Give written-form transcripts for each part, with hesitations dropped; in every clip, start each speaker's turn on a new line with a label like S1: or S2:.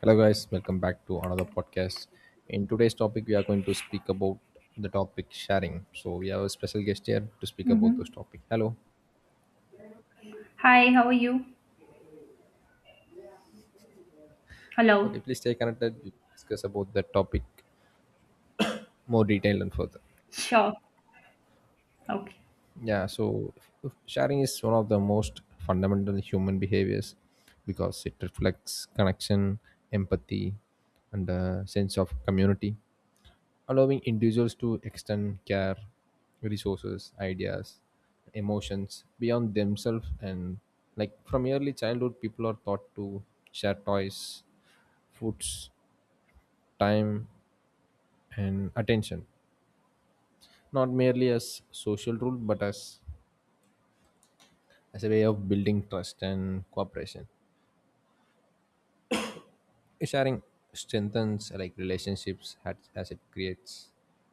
S1: Hello, guys. Welcome back to another podcast. In today's topic, we are going to speak about the topic sharing. So we have a special guest here to speak about this
S2: Mm-hmm.
S1: topic. Hello.
S2: Hi, how are you? Hello.
S1: Okay, please stay connected. We discuss about the topic more detailed and further.
S2: Sure. Okay.
S1: Yeah. So sharing is one of the most fundamental human behaviors because it reflects connection, empathy, and a sense of community, allowing individuals to extend care, resources, ideas, emotions beyond themselves. And like from early childhood, people are taught to share toys, foods, time, and attention, not merely as social rule, but as a way of building trust and cooperation. Sharing strengthens like relationships as it creates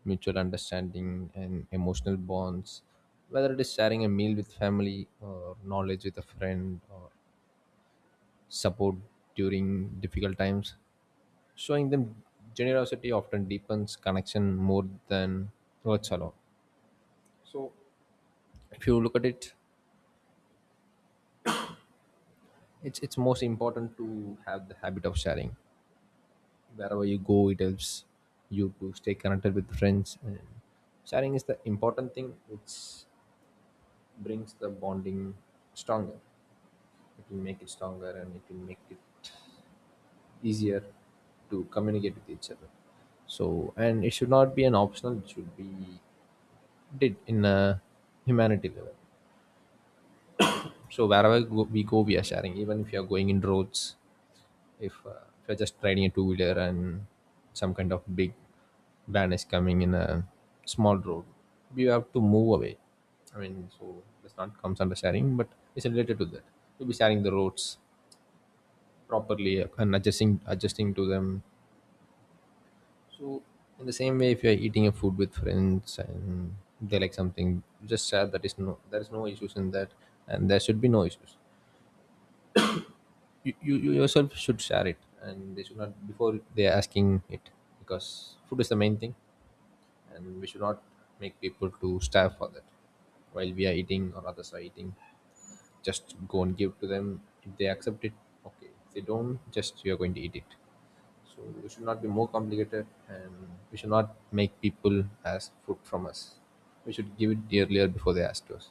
S1: mutual understanding and emotional bonds, whether it is sharing a meal with family or knowledge with a friend or support during difficult times. Showing them generosity often deepens connection more than words alone. If you look at it, it's most important to have the habit of sharing. Wherever you go, it helps you to stay connected with friends, and sharing is the important thing which brings the bonding stronger. It will make it stronger, and it will make it easier to communicate with each other. So and it should not be an optional, it should be did in a humanity level. So wherever we go, we are sharing. Even if you are going in roads, if you're just riding a two wheeler and some kind of big van is coming in a small road, you have to move away. I mean, so this not comes under sharing, but it's related to that. You'll be sharing the roads properly and adjusting to them. So in the same way, if you're eating a food with friends and they like something, just share that. Is no There is no issues in that, and there should be no issues. You yourself should share it, and they should not before they are asking it, because food is the main thing and we should not make people to starve for that while we are eating or others are eating. Just go and give to them. If they accept it, okay. If they don't, just you are going to eat it. So we should not be more complicated, and we should not make people ask food from us. We should give it earlier before they ask us.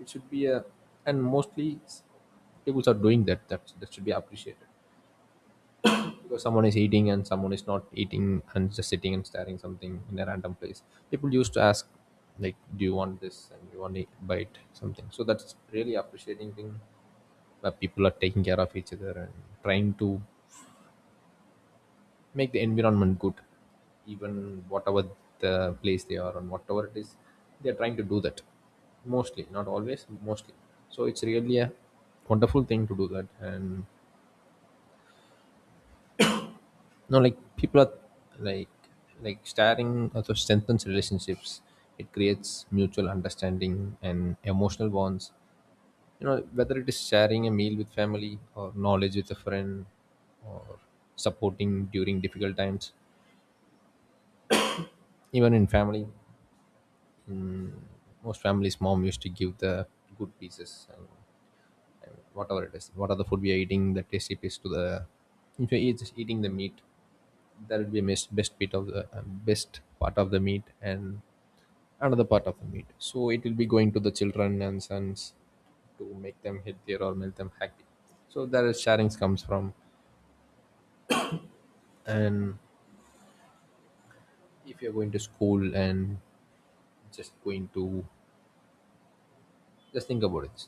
S1: It should be a, and mostly people are doing that, that should be appreciated, because someone is eating and someone is not eating and just sitting and staring something in a random place. People used to ask, like, do you want this and you want to bite something. So that's really appreciating thing, where people are taking care of each other and trying to make the environment good, even whatever the place they are and whatever it is, they're trying to do that. Mostly, not always, mostly. So it's really a wonderful thing to do that. And no, like people are like like starting also strengthens relationships. It creates mutual understanding and emotional bonds. Whether it is sharing a meal with family or knowledge with a friend or supporting during difficult times. Even in family, in most families, mom used to give the good pieces and whatever it is, what are the food we are eating, the tasty piece to the, if you're just eating the meat, that will be missed best bit of the best part of the meat and another part of the meat, so it will be going to the children and sons to make them healthier or make them happy. So there is sharings comes from. And if you're going to school and just going to, just think about it,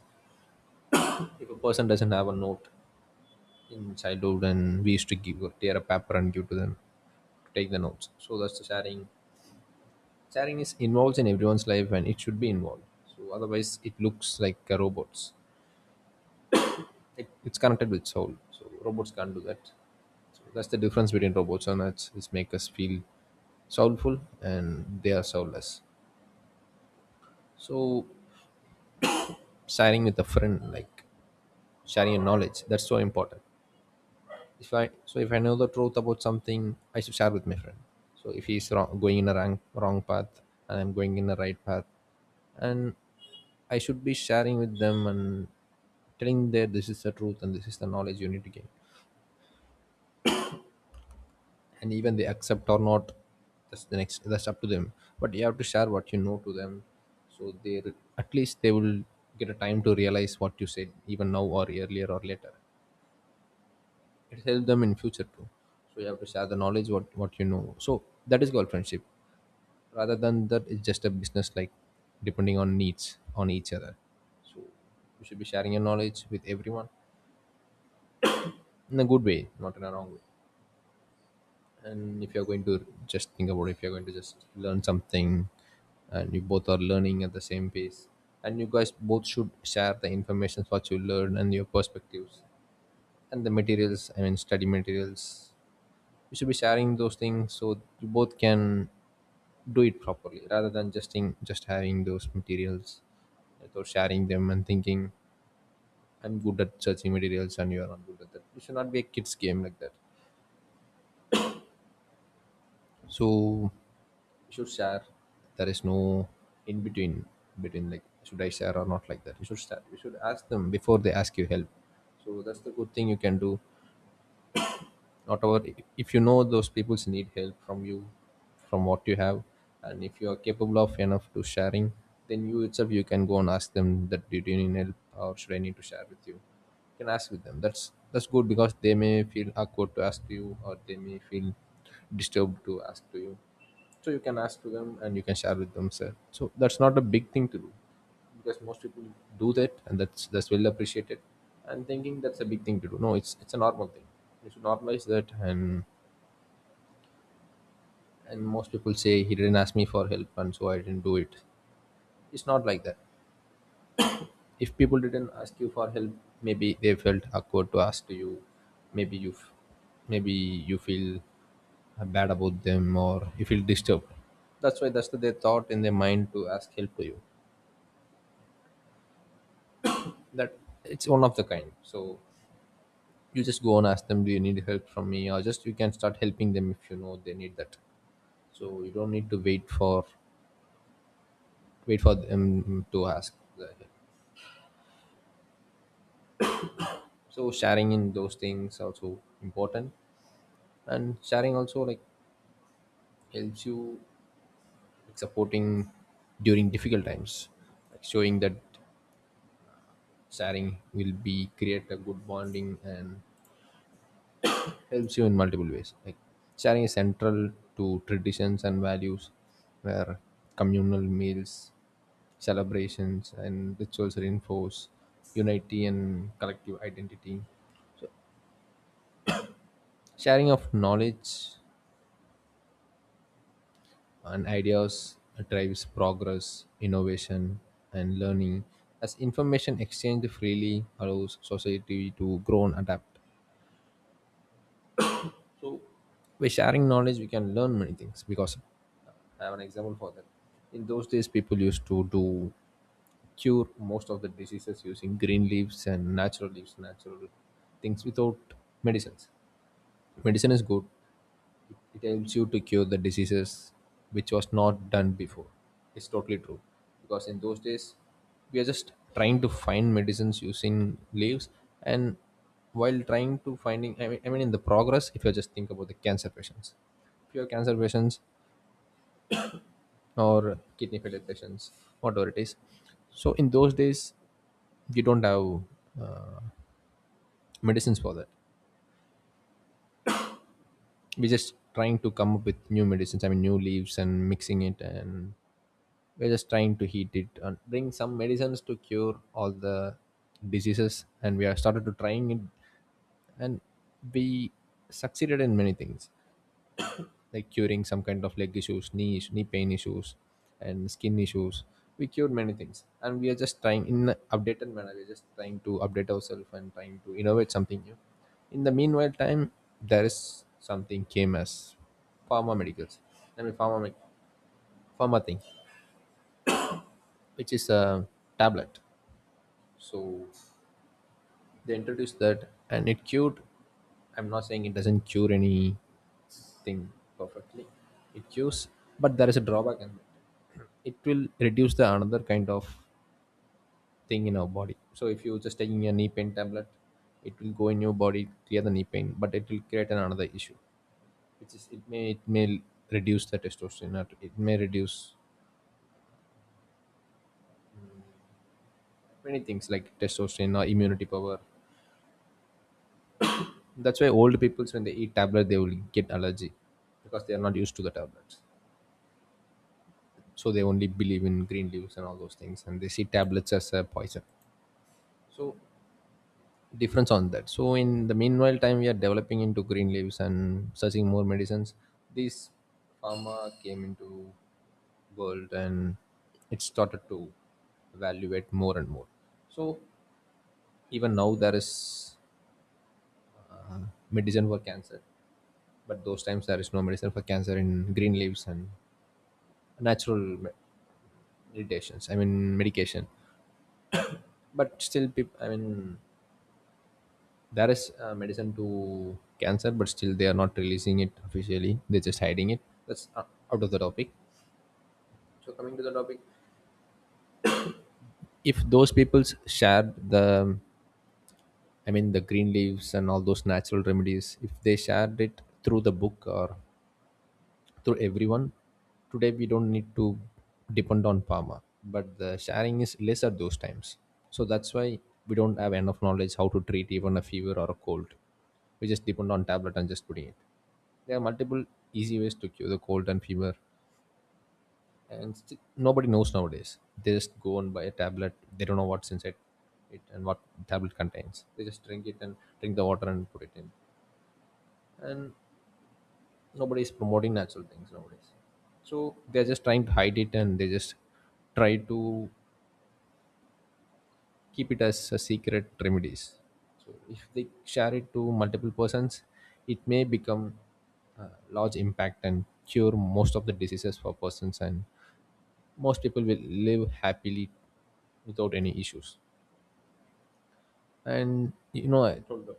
S1: if a person doesn't have a note in childhood, and we used to give tear a paper and give to them to take the notes, so that's the sharing. Sharing is involved in everyone's life, and it should be involved. So otherwise it looks like a robots. It's connected with soul, so robots can't do that. So that's the difference between robots and us, is make us feel soulful and they are soulless. So sharing with a friend, like sharing your knowledge, that's so important. If I know the truth about something, I should share with my friend. So if he's wrong, going in a wrong path, and I'm going in the right path, and I should be sharing with them and telling them this is the truth and this is the knowledge you need to gain. And even they accept or not, that's the next. That's up to them. But you have to share what you know to them, so they at least they will get a time to realize what you said, even now or earlier or later. It helps them in future too. So you have to share the knowledge, what you know. So that is called friendship. Rather than that, it's just a business, like depending on needs on each other. So you should be sharing your knowledge with everyone in a good way, not in a wrong way. And if you're going to, just think about, if you're going to just learn something and you both are learning at the same pace, and you guys both should share the information what you learn and your perspectives and the materials, I mean study materials. You should be sharing those things, so you both can do it properly, rather than just having those materials without sharing them and thinking I'm good at searching materials and you are not good at that. It should not be a kids game like that. So you should share. There is no in between, like should I share or not, like that. You should start, you should ask them before they ask you help. So that's the good thing you can do. Whatever, if you know those people's need help from you, from what you have, and if you are capable of enough to sharing, then you itself you can go and ask them that do you need help or should I need to share with you. You can ask with them. That's good, because they may feel awkward to ask to you, or they may feel disturbed to ask to you. So you can ask to them and you can share with them, sir. So that's not a big thing to do, because most people do that, and that's well appreciated. And thinking that's a big thing to do, no, it's a normal thing. You should normalize that. And most people say he didn't ask me for help, and so I didn't do it. It's not like that. If people didn't ask you for help, maybe they felt awkward to ask to you. Maybe you maybe you feel bad about them, or you feel disturbed. That's why their thought in their mind to ask help to you. That it's one of the kind. So you just go and ask them, do you need help from me, or just you can start helping them if you know they need that. So you don't need to wait for wait for them to ask the help. So sharing in those things also important. And sharing also like helps you, like supporting during difficult times, like showing that sharing will be create a good bonding and helps you in multiple ways. Like sharing is central to traditions and values, where communal meals, celebrations, and rituals reinforce unity and collective identity. Sharing of knowledge and ideas drives progress, innovation, and learning, as information exchanged freely allows society to grow and adapt. So by sharing knowledge, we can learn many things. Because I have an example for that. In those days, people used to do cure most of the diseases using green leaves and natural leaves, natural things without medicines. Medicine is good, it helps you to cure the diseases which was not done before. It's totally true. Because in those days, we are just trying to find medicines using leaves and while trying to finding I mean in the progress if you just think about the cancer patients, if you have cancer patients or kidney failure patients, whatever it is. So in those days you don't have uh, medicines for that. We're just trying to come up with new medicines, I mean new leaves, and mixing it. And we're just trying to heat it and bring some medicines to cure all the diseases, and we have started to trying it. And we succeeded in many things, like curing some kind of leg issues, knee pain issues and skin issues. We cured many things and we are just trying in an updated manner, we're just trying to update ourselves and trying to innovate something new. In the meanwhile time, there is something came as pharma medicals, I mean pharma thing, which is a tablet. So they introduced that and it cured. I'm not saying it doesn't cure anything perfectly. It cures, but there is a drawback in it. It will reduce the another kind of thing in our body. So if you're just taking a knee pain tablet, it will go in your body, clear the knee pain, but it will create an another issue, which is it may reduce the testosterone. Or it may reduce many things like testosterone or immunity power. That's why old peoples, when they eat tablet, they will get allergy because they are not used to the tablets. So they only believe in green leaves and all those things, and they see tablets as a poison. So difference on that. So in the meanwhile time, we are developing into green leaves and searching more medicines. This pharma came into world and it started to evaluate more and more. So even now there is uh, medicine for cancer. But those times there is no medicine for cancer in green leaves and natural me- meditations. I mean medication. But still, peop I mean there is medicine to cancer, but still they are not releasing it officially. They're just hiding it. That's out of the topic. So coming to the topic, if those people shared the, I mean the green leaves and all those natural remedies, if they shared it through the book or to everyone. Today we don't need to depend on Pharma, but the sharing is less at those times. So that's why we don't have enough knowledge how to treat even a fever or a cold. We just depend on tablet and just putting it. There are multiple easy ways to cure the cold and fever, and nobody knows nowadays. They just go and buy a tablet. They don't know what's inside it and what tablet contains. They just drink it and drink the water and put it in. And nobody is promoting natural things nowadays, so they're just trying to hide it and they just try to keep it as a secret remedies. So if they share it to multiple persons, it may become a large impact and cure most of the diseases for persons, and most people will live happily without any issues. And you know told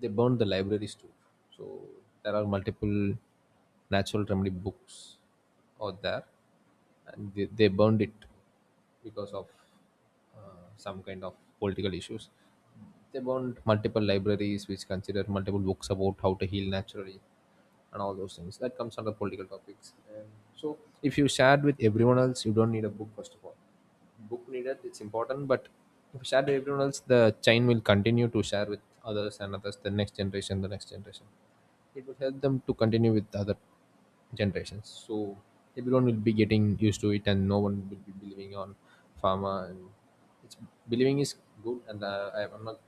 S1: they burned the libraries too. So there are multiple natural remedy books out there, and they burned it because of some kind of political issues. They burned multiple libraries which consider multiple books about how to heal naturally and all those things. That comes under political topics. And so if you shared with everyone else, you don't need a book. First of all, book needed, it's important, but if you share to everyone else, the chain will continue to share with others and others, the next generation, the next generation. It will help them to continue with the other generations. So everyone will be getting used to it and no one will be believing on pharma. And it's believing is good. And I, I'm not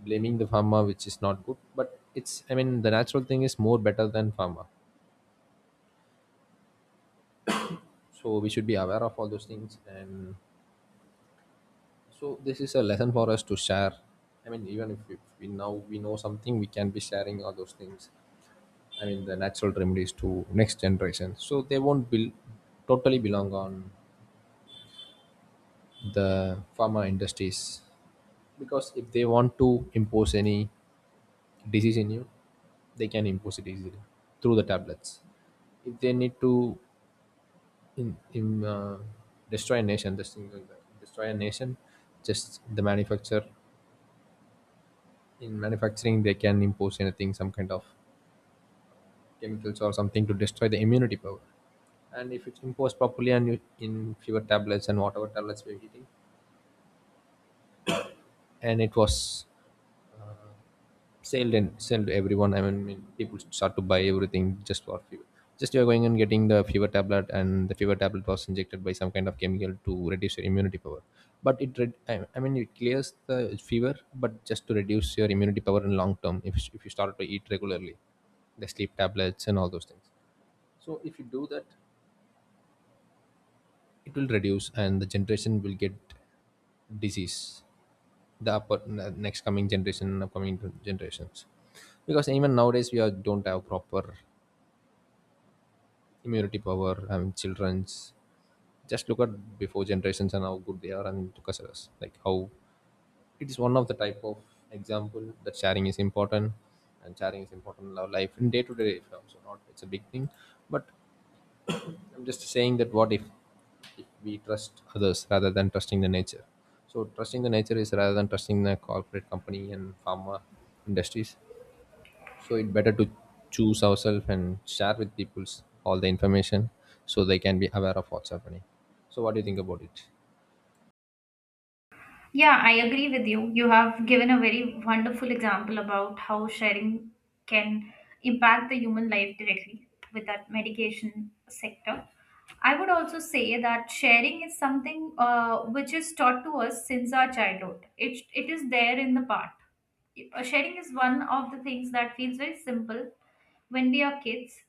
S1: blaming the pharma, which is not good, but it's, I mean, the natural thing is more better than pharma. So we should be aware of all those things. And so this is a lesson for us to share. I mean, even if we now we know something, we can be sharing all those things. I mean, the natural remedies to next generation, so they won't be totally belong on the pharma industries, because if they want to impose any disease in you, they can impose it easily through the tablets. If they need to in destroy a nation, just think like that, destroy a nation, just the manufacturer in manufacturing, they can impose anything, some kind of chemicals or something, to destroy the immunity power. And if it's imposed properly and you, in fewer tablets and whatever tablets we're eating, and it was uh, sold and sold to everyone. I mean, people start to buy everything just for fever. Just you're going and getting the fever tablet, and the fever tablet was injected by some kind of chemical to reduce your immunity power. But it, I mean, it clears the fever, but just to reduce your immunity power in long term. If you start to eat regularly, the sleep tablets and all those things. So if you do that, it will reduce, and the generation will get disease, the upper the next coming generation and generations, because even nowadays we are don't have proper immunity power, I mean children's. Just look at before generations and how good they are, and to us, like how it is one of the type of example that sharing is important. And sharing is important in our life, in day-to-day life also, not it's a big thing. But I'm just saying that what if we trust others rather than trusting the nature. So trusting the nature is rather than trusting the corporate company and pharma industries. So it better to choose ourselves and share with people all the information so they can be aware of what's happening. So what do you think about it?
S2: Yeah, I agree with you. You have given a very wonderful example about how sharing can impact the human life directly with that medication sector. I would also say that sharing is something which is taught to us since our childhood. It is there in the part. Sharing is one of the things that feels very simple when we are kids.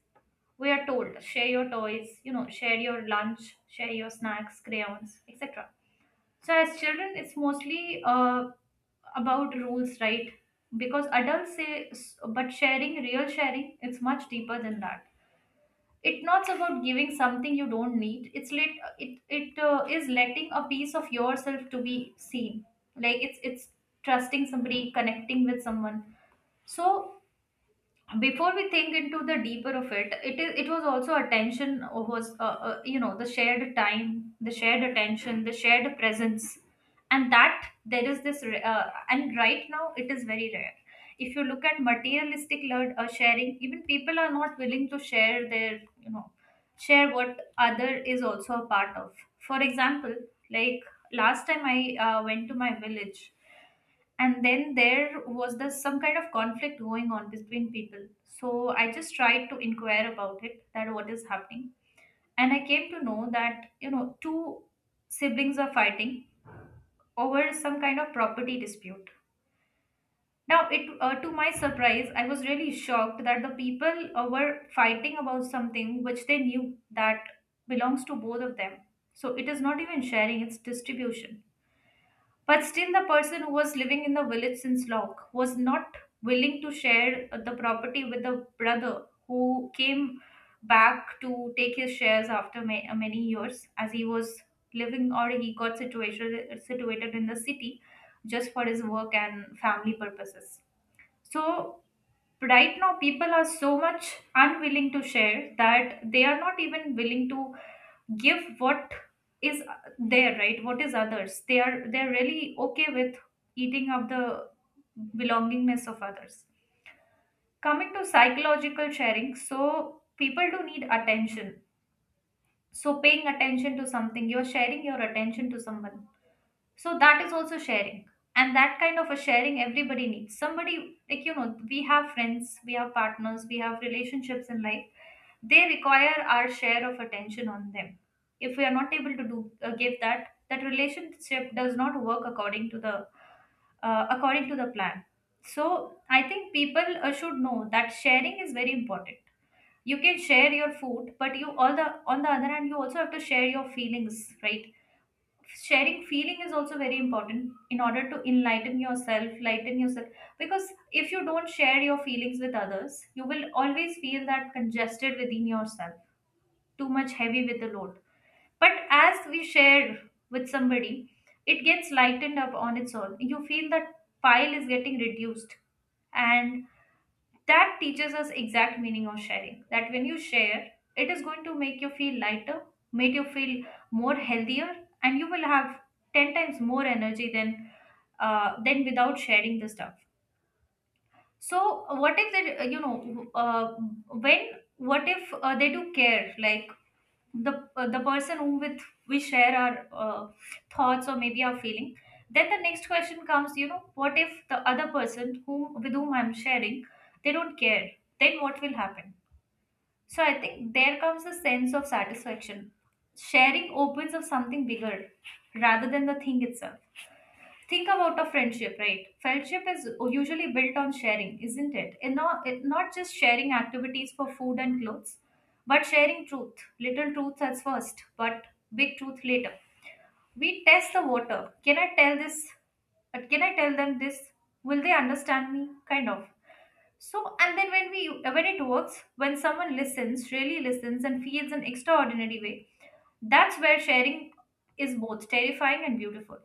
S2: We are told share your toys, you know, share your lunch, share your snacks, crayons, etc, so as children, it's mostly about rules, right? Because adults say, but sharing, real sharing, it's much deeper than that. It's not about giving something you don't need. It is letting a piece of yourself to be seen. Like it's trusting somebody, connecting with someone. So before we think into the deeper of it, it is, it was also attention, was you know, the shared time, the shared attention, the shared presence. And that there is this re- and right now it is very rare. If you look at materialistic sharing, even people are not willing to share their, you know, share what other is also a part of. For example, like last time I went to my village, and then there was the some kind of conflict going on between people. So I just tried to inquire about it, that what is happening, and I came to know that, you know, two siblings are fighting over some kind of property dispute. Now it, to my surprise, I was really shocked that the people were fighting about something which they knew that belongs to both of them. So it is not even sharing, it's distribution. But still, the person who was living in the village since long was not willing to share the property with the brother who came back to take his shares after many years, as he was living, or he got situated in the city just for his work and family purposes. So, right now, people are so much unwilling to share that they are not even willing to give what is there, right, what is others. They, are they're really okay with eating up the belongingness of others. Coming to psychological sharing, so people do need attention. So paying attention to something, you're sharing your attention to someone, so that is also sharing. And that kind of a sharing, everybody needs somebody. Like, you know, we have friends, we have partners, we have relationships in life. They require our share of attention on them. If we are not able to do give that, that relationship does not work according to the, according to the plan. So I think people should know that sharing is very important. You can share your food, but you, all the, on the other hand, you also have to share your feelings, right? Sharing feeling is also very important in order to enlighten yourself, lighten yourself. Because if you don't share your feelings with others, you will always feel that congested within yourself, too much heavy with the load. But as we share with somebody, it gets lightened up on its own. You feel that pile is getting reduced. And that teaches us exact meaning of sharing. That when you share, it is going to make you feel lighter, make you feel more healthier, and you will have 10 times more energy than without sharing the stuff. So what if they, you know, when, what if they do care? Like the person who with we share our thoughts or maybe our feeling. Then the next question comes, you know, what if the other person whom, with whom I'm sharing, they don't care, then what will happen? So I think there comes a sense of satisfaction. Sharing opens up something bigger rather than the thing itself. Think about a friendship, right? Friendship is usually built on sharing, isn't it? And not, it, not just sharing activities for food and clothes, but sharing truth. Little truths at first, but big truth later. We test the water. Can I tell this? Can I tell them this? Will they understand me? Kind of. So, and then when we when it works, when someone listens, really listens, and feels an extraordinary way, that's where sharing is both terrifying and beautiful.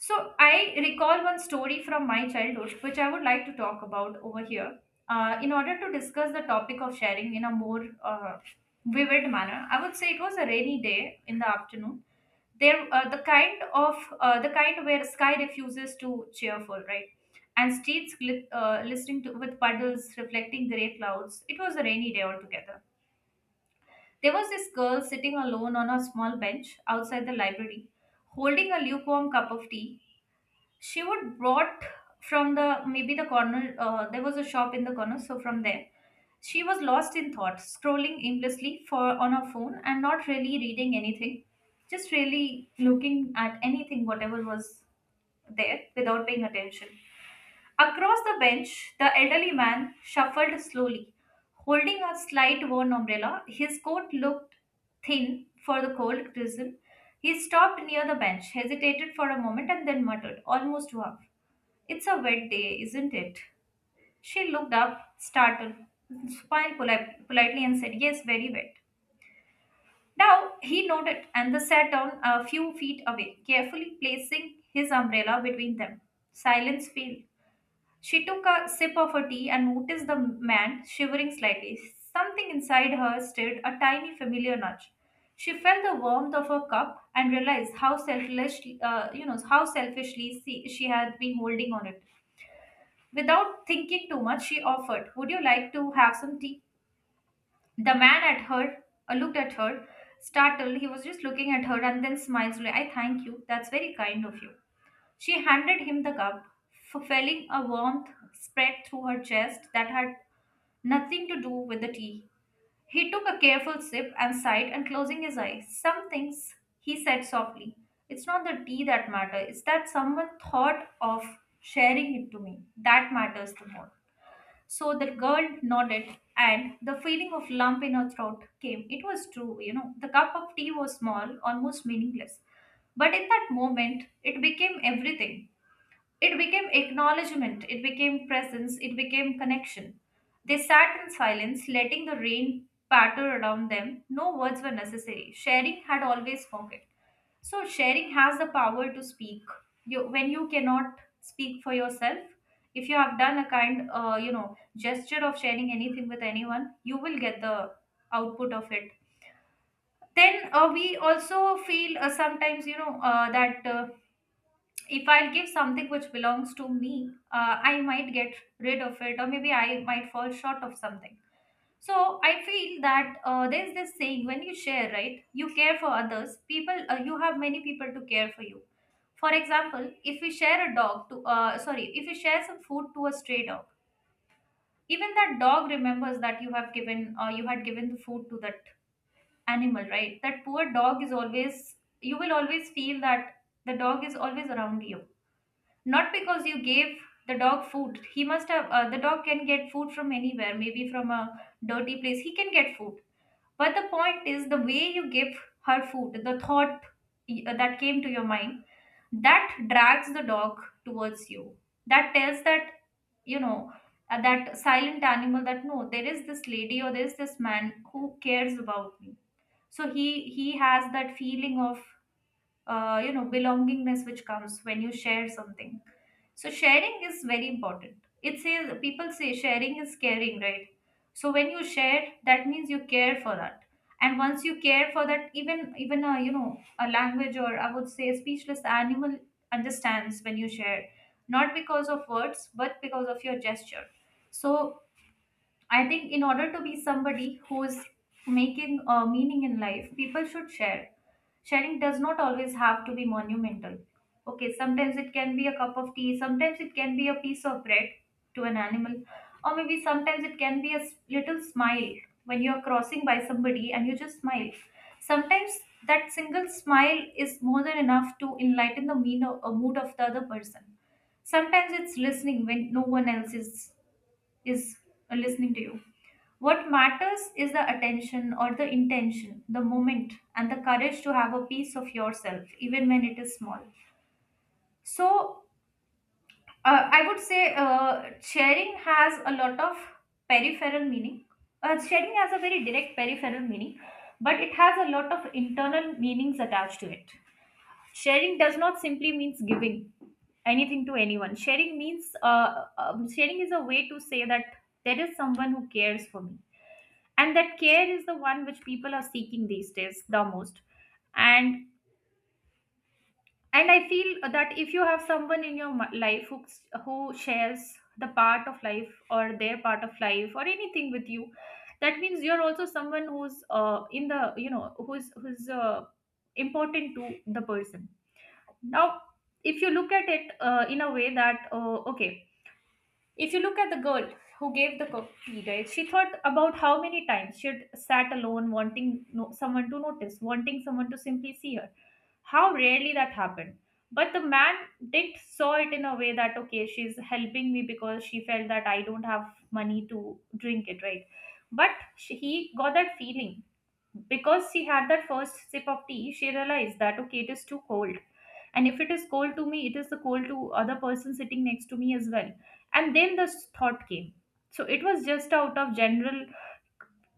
S2: So I recall one story from my childhood, which I would like to talk about over here. In order to discuss the topic of sharing in a more vivid manner, I would say it was a rainy day in the afternoon. There, the kind where sky refuses to cheerful, right? And streets glit listening to with puddles reflecting grey clouds. It was a rainy day altogether. There was this girl sitting alone on a small bench outside the library, holding a lukewarm cup of tea she would brought from the, maybe the corner, there was a shop in the corner, so from there. She was lost in thought, scrolling aimlessly for on her phone and not really reading anything, just really looking at anything whatever was there without paying attention. Across the bench, the elderly man shuffled slowly, holding a slight worn umbrella. His coat looked thin for the cold drizzle. He stopped near the bench, hesitated for a moment, and then muttered almost to half, it's a wet day, isn't it? She looked up, startled, smiled politely, and said, yes, very wet. Now he nodded, and they sat down a few feet away, carefully placing his umbrella between them. Silence fell. She took a sip of her tea and noticed the man shivering slightly. Something inside her stirred a tiny familiar nudge. She felt the warmth of her cup and realized how selfishly, you know, how selfishly she had been holding on it. Without thinking too much, she offered, would you like to have some tea? The man at her looked at her, startled. He was just looking at her and then smiled slowly. I thank you. That's very kind of you. She handed him the cup, feeling a warmth spread through her chest that had nothing to do with the tea. He took a careful sip and sighed and closing his eyes. Some things, he said softly. It's not the tea that matters, it's that someone thought of sharing it to me. That matters the most. So the girl nodded, and the feeling of lump in her throat came. It was true, you know. The cup of tea was small, almost meaningless. But in that moment, it became everything. It became acknowledgement, it became presence, it became connection. They sat in silence, letting the rain patter around them. No words were necessary. Sharing had always spoken. So, sharing has the power to speak. You, when you cannot speak for yourself, if you have done a kind, you know, gesture of sharing anything with anyone, you will get the output of it. Then we also feel sometimes, you know, that. If I give something which belongs to me, I might get rid of it, or maybe I might fall short of something. So I feel that there's this saying, when you share, right? You care for others. People, you have many people to care for you. For example, if we share a dog to, sorry, if we share some food to a stray dog, even that dog remembers that you have given, you had given the food to that animal, right? That poor dog is always, you will always feel that the dog is always around you, not because you gave the dog food. He must have, the dog can get food from anywhere, maybe from a dirty place he can get food. But the point is the way you give her food, the thought that came to your mind, that drags the dog towards you. That tells that, you know, that silent animal that no, there is this lady or there is this man who cares about me. So he has that feeling of you know, belongingness, which comes when you share something. So sharing is very important. It says, people say sharing is caring, right? So when you share, that means you care for that. And once you care for that, even, a, you know, a language, or I would say a speechless animal understands when you share, not because of words but because of your gesture. So I think in order to be somebody who's making a meaning in life, people should share. Sharing does not always have to be monumental. Okay, sometimes it can be a cup of tea, sometimes it can be a piece of bread to an animal, or maybe sometimes it can be a little smile when you're crossing by somebody and you just smile. Sometimes that single smile is more than enough to enlighten the mean or mood of the other person. Sometimes it's listening when no one else is listening to you. What matters is the attention or the intention, the moment, and the courage to have a piece of yourself, even when it is small. So, I would say sharing has a lot of peripheral meaning. Sharing has a very direct peripheral meaning, but it has a lot of internal meanings attached to it. Sharing does not simply means giving anything to anyone. Sharing means sharing is a way to say that there is someone who cares for me, and that care is the one which people are seeking these days the most. And and i feel that if you have someone in your life who who shares the part of life or their part of life or anything with you, that means you're also someone who's in the who's important to the person. Now if you look at it in a way that okay, if you look at the girl who gave the cookie, right, she thought about how many times she'd sat alone, wanting someone to notice, wanting someone to simply see her. How rarely that happened. But the man did saw it in a way that okay, she's helping me because she felt that I don't have money to drink it, right? But he got that feeling because she had that first sip of tea, she realized that okay, it is too cold. And if it is cold to me, it is the cold to other person sitting next to me as well. And then this thought came. So it was just out of general,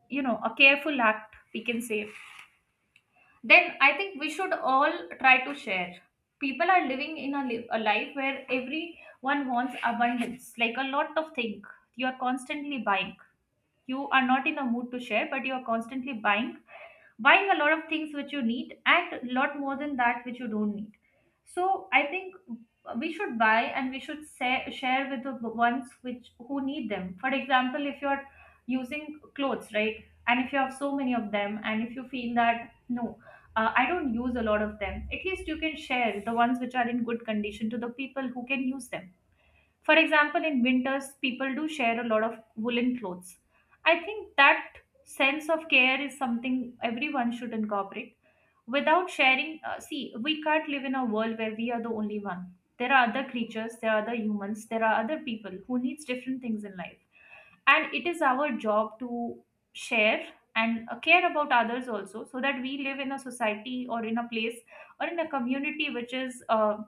S2: you know, a careful act, we can say. Then I think we should all try to share. People are living in a life where everyone wants abundance, like a lot of things. You are constantly buying. You are not in a mood to share, but you are constantly buying, a lot of things which you need and a lot more than that which you don't need. So I think we should buy and we should share with the ones which who need them. For example, if you're using clothes, right, and if you have so many of them and if you feel that no, I don't use a lot of them, at least you can share the ones which are in good condition to the people who can use them. For example, in winters, people do share a lot of woolen clothes. I think that sense of care is something everyone should incorporate. Without sharing, see, we can't live in a world where we are the only one. There are other creatures, there are other humans, there are other people who needs different things in life. And it is our job to share and care about others also, so that we live in a society or in a place or in a community which is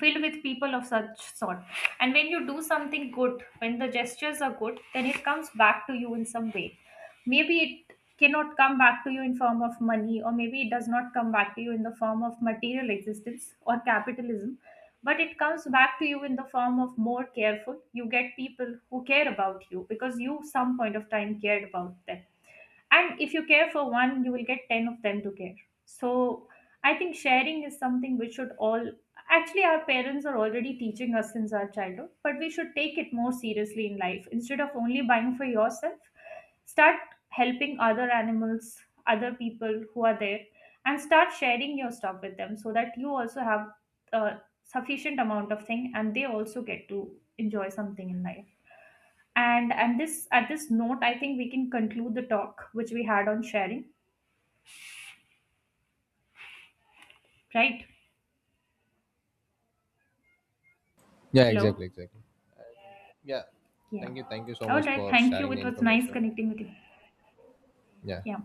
S2: filled with people of such sort. And when you do something good, when the gestures are good, then it comes back to you in some way. Maybe it cannot come back to you in form of money, or maybe it does not come back to you in the form of material existence or capitalism, but it comes back to you in the form of more careful you get people who care about you because you some point of time cared about them. And if you care for one, you will get 10 of them to care. So I think sharing is something we should all, actually our parents are already teaching us since our childhood, but we should take it more seriously in life instead of only buying for yourself. Start helping other animals, other people who are there, and start sharing your stuff with them so that you also have a sufficient amount of thing and they also get to enjoy something in life. And this at this note, I think we can conclude the talk which we had on sharing. Right?
S1: Yeah,
S2: Hello?
S1: exactly, exactly. Yeah.
S2: Yeah.
S1: Thank you, thank you so
S2: All
S1: much
S2: right.
S1: for
S2: Thank you.
S1: sharing the
S2: It was nice
S1: information.
S2: connecting with you.
S1: Yeah.
S2: Yeah.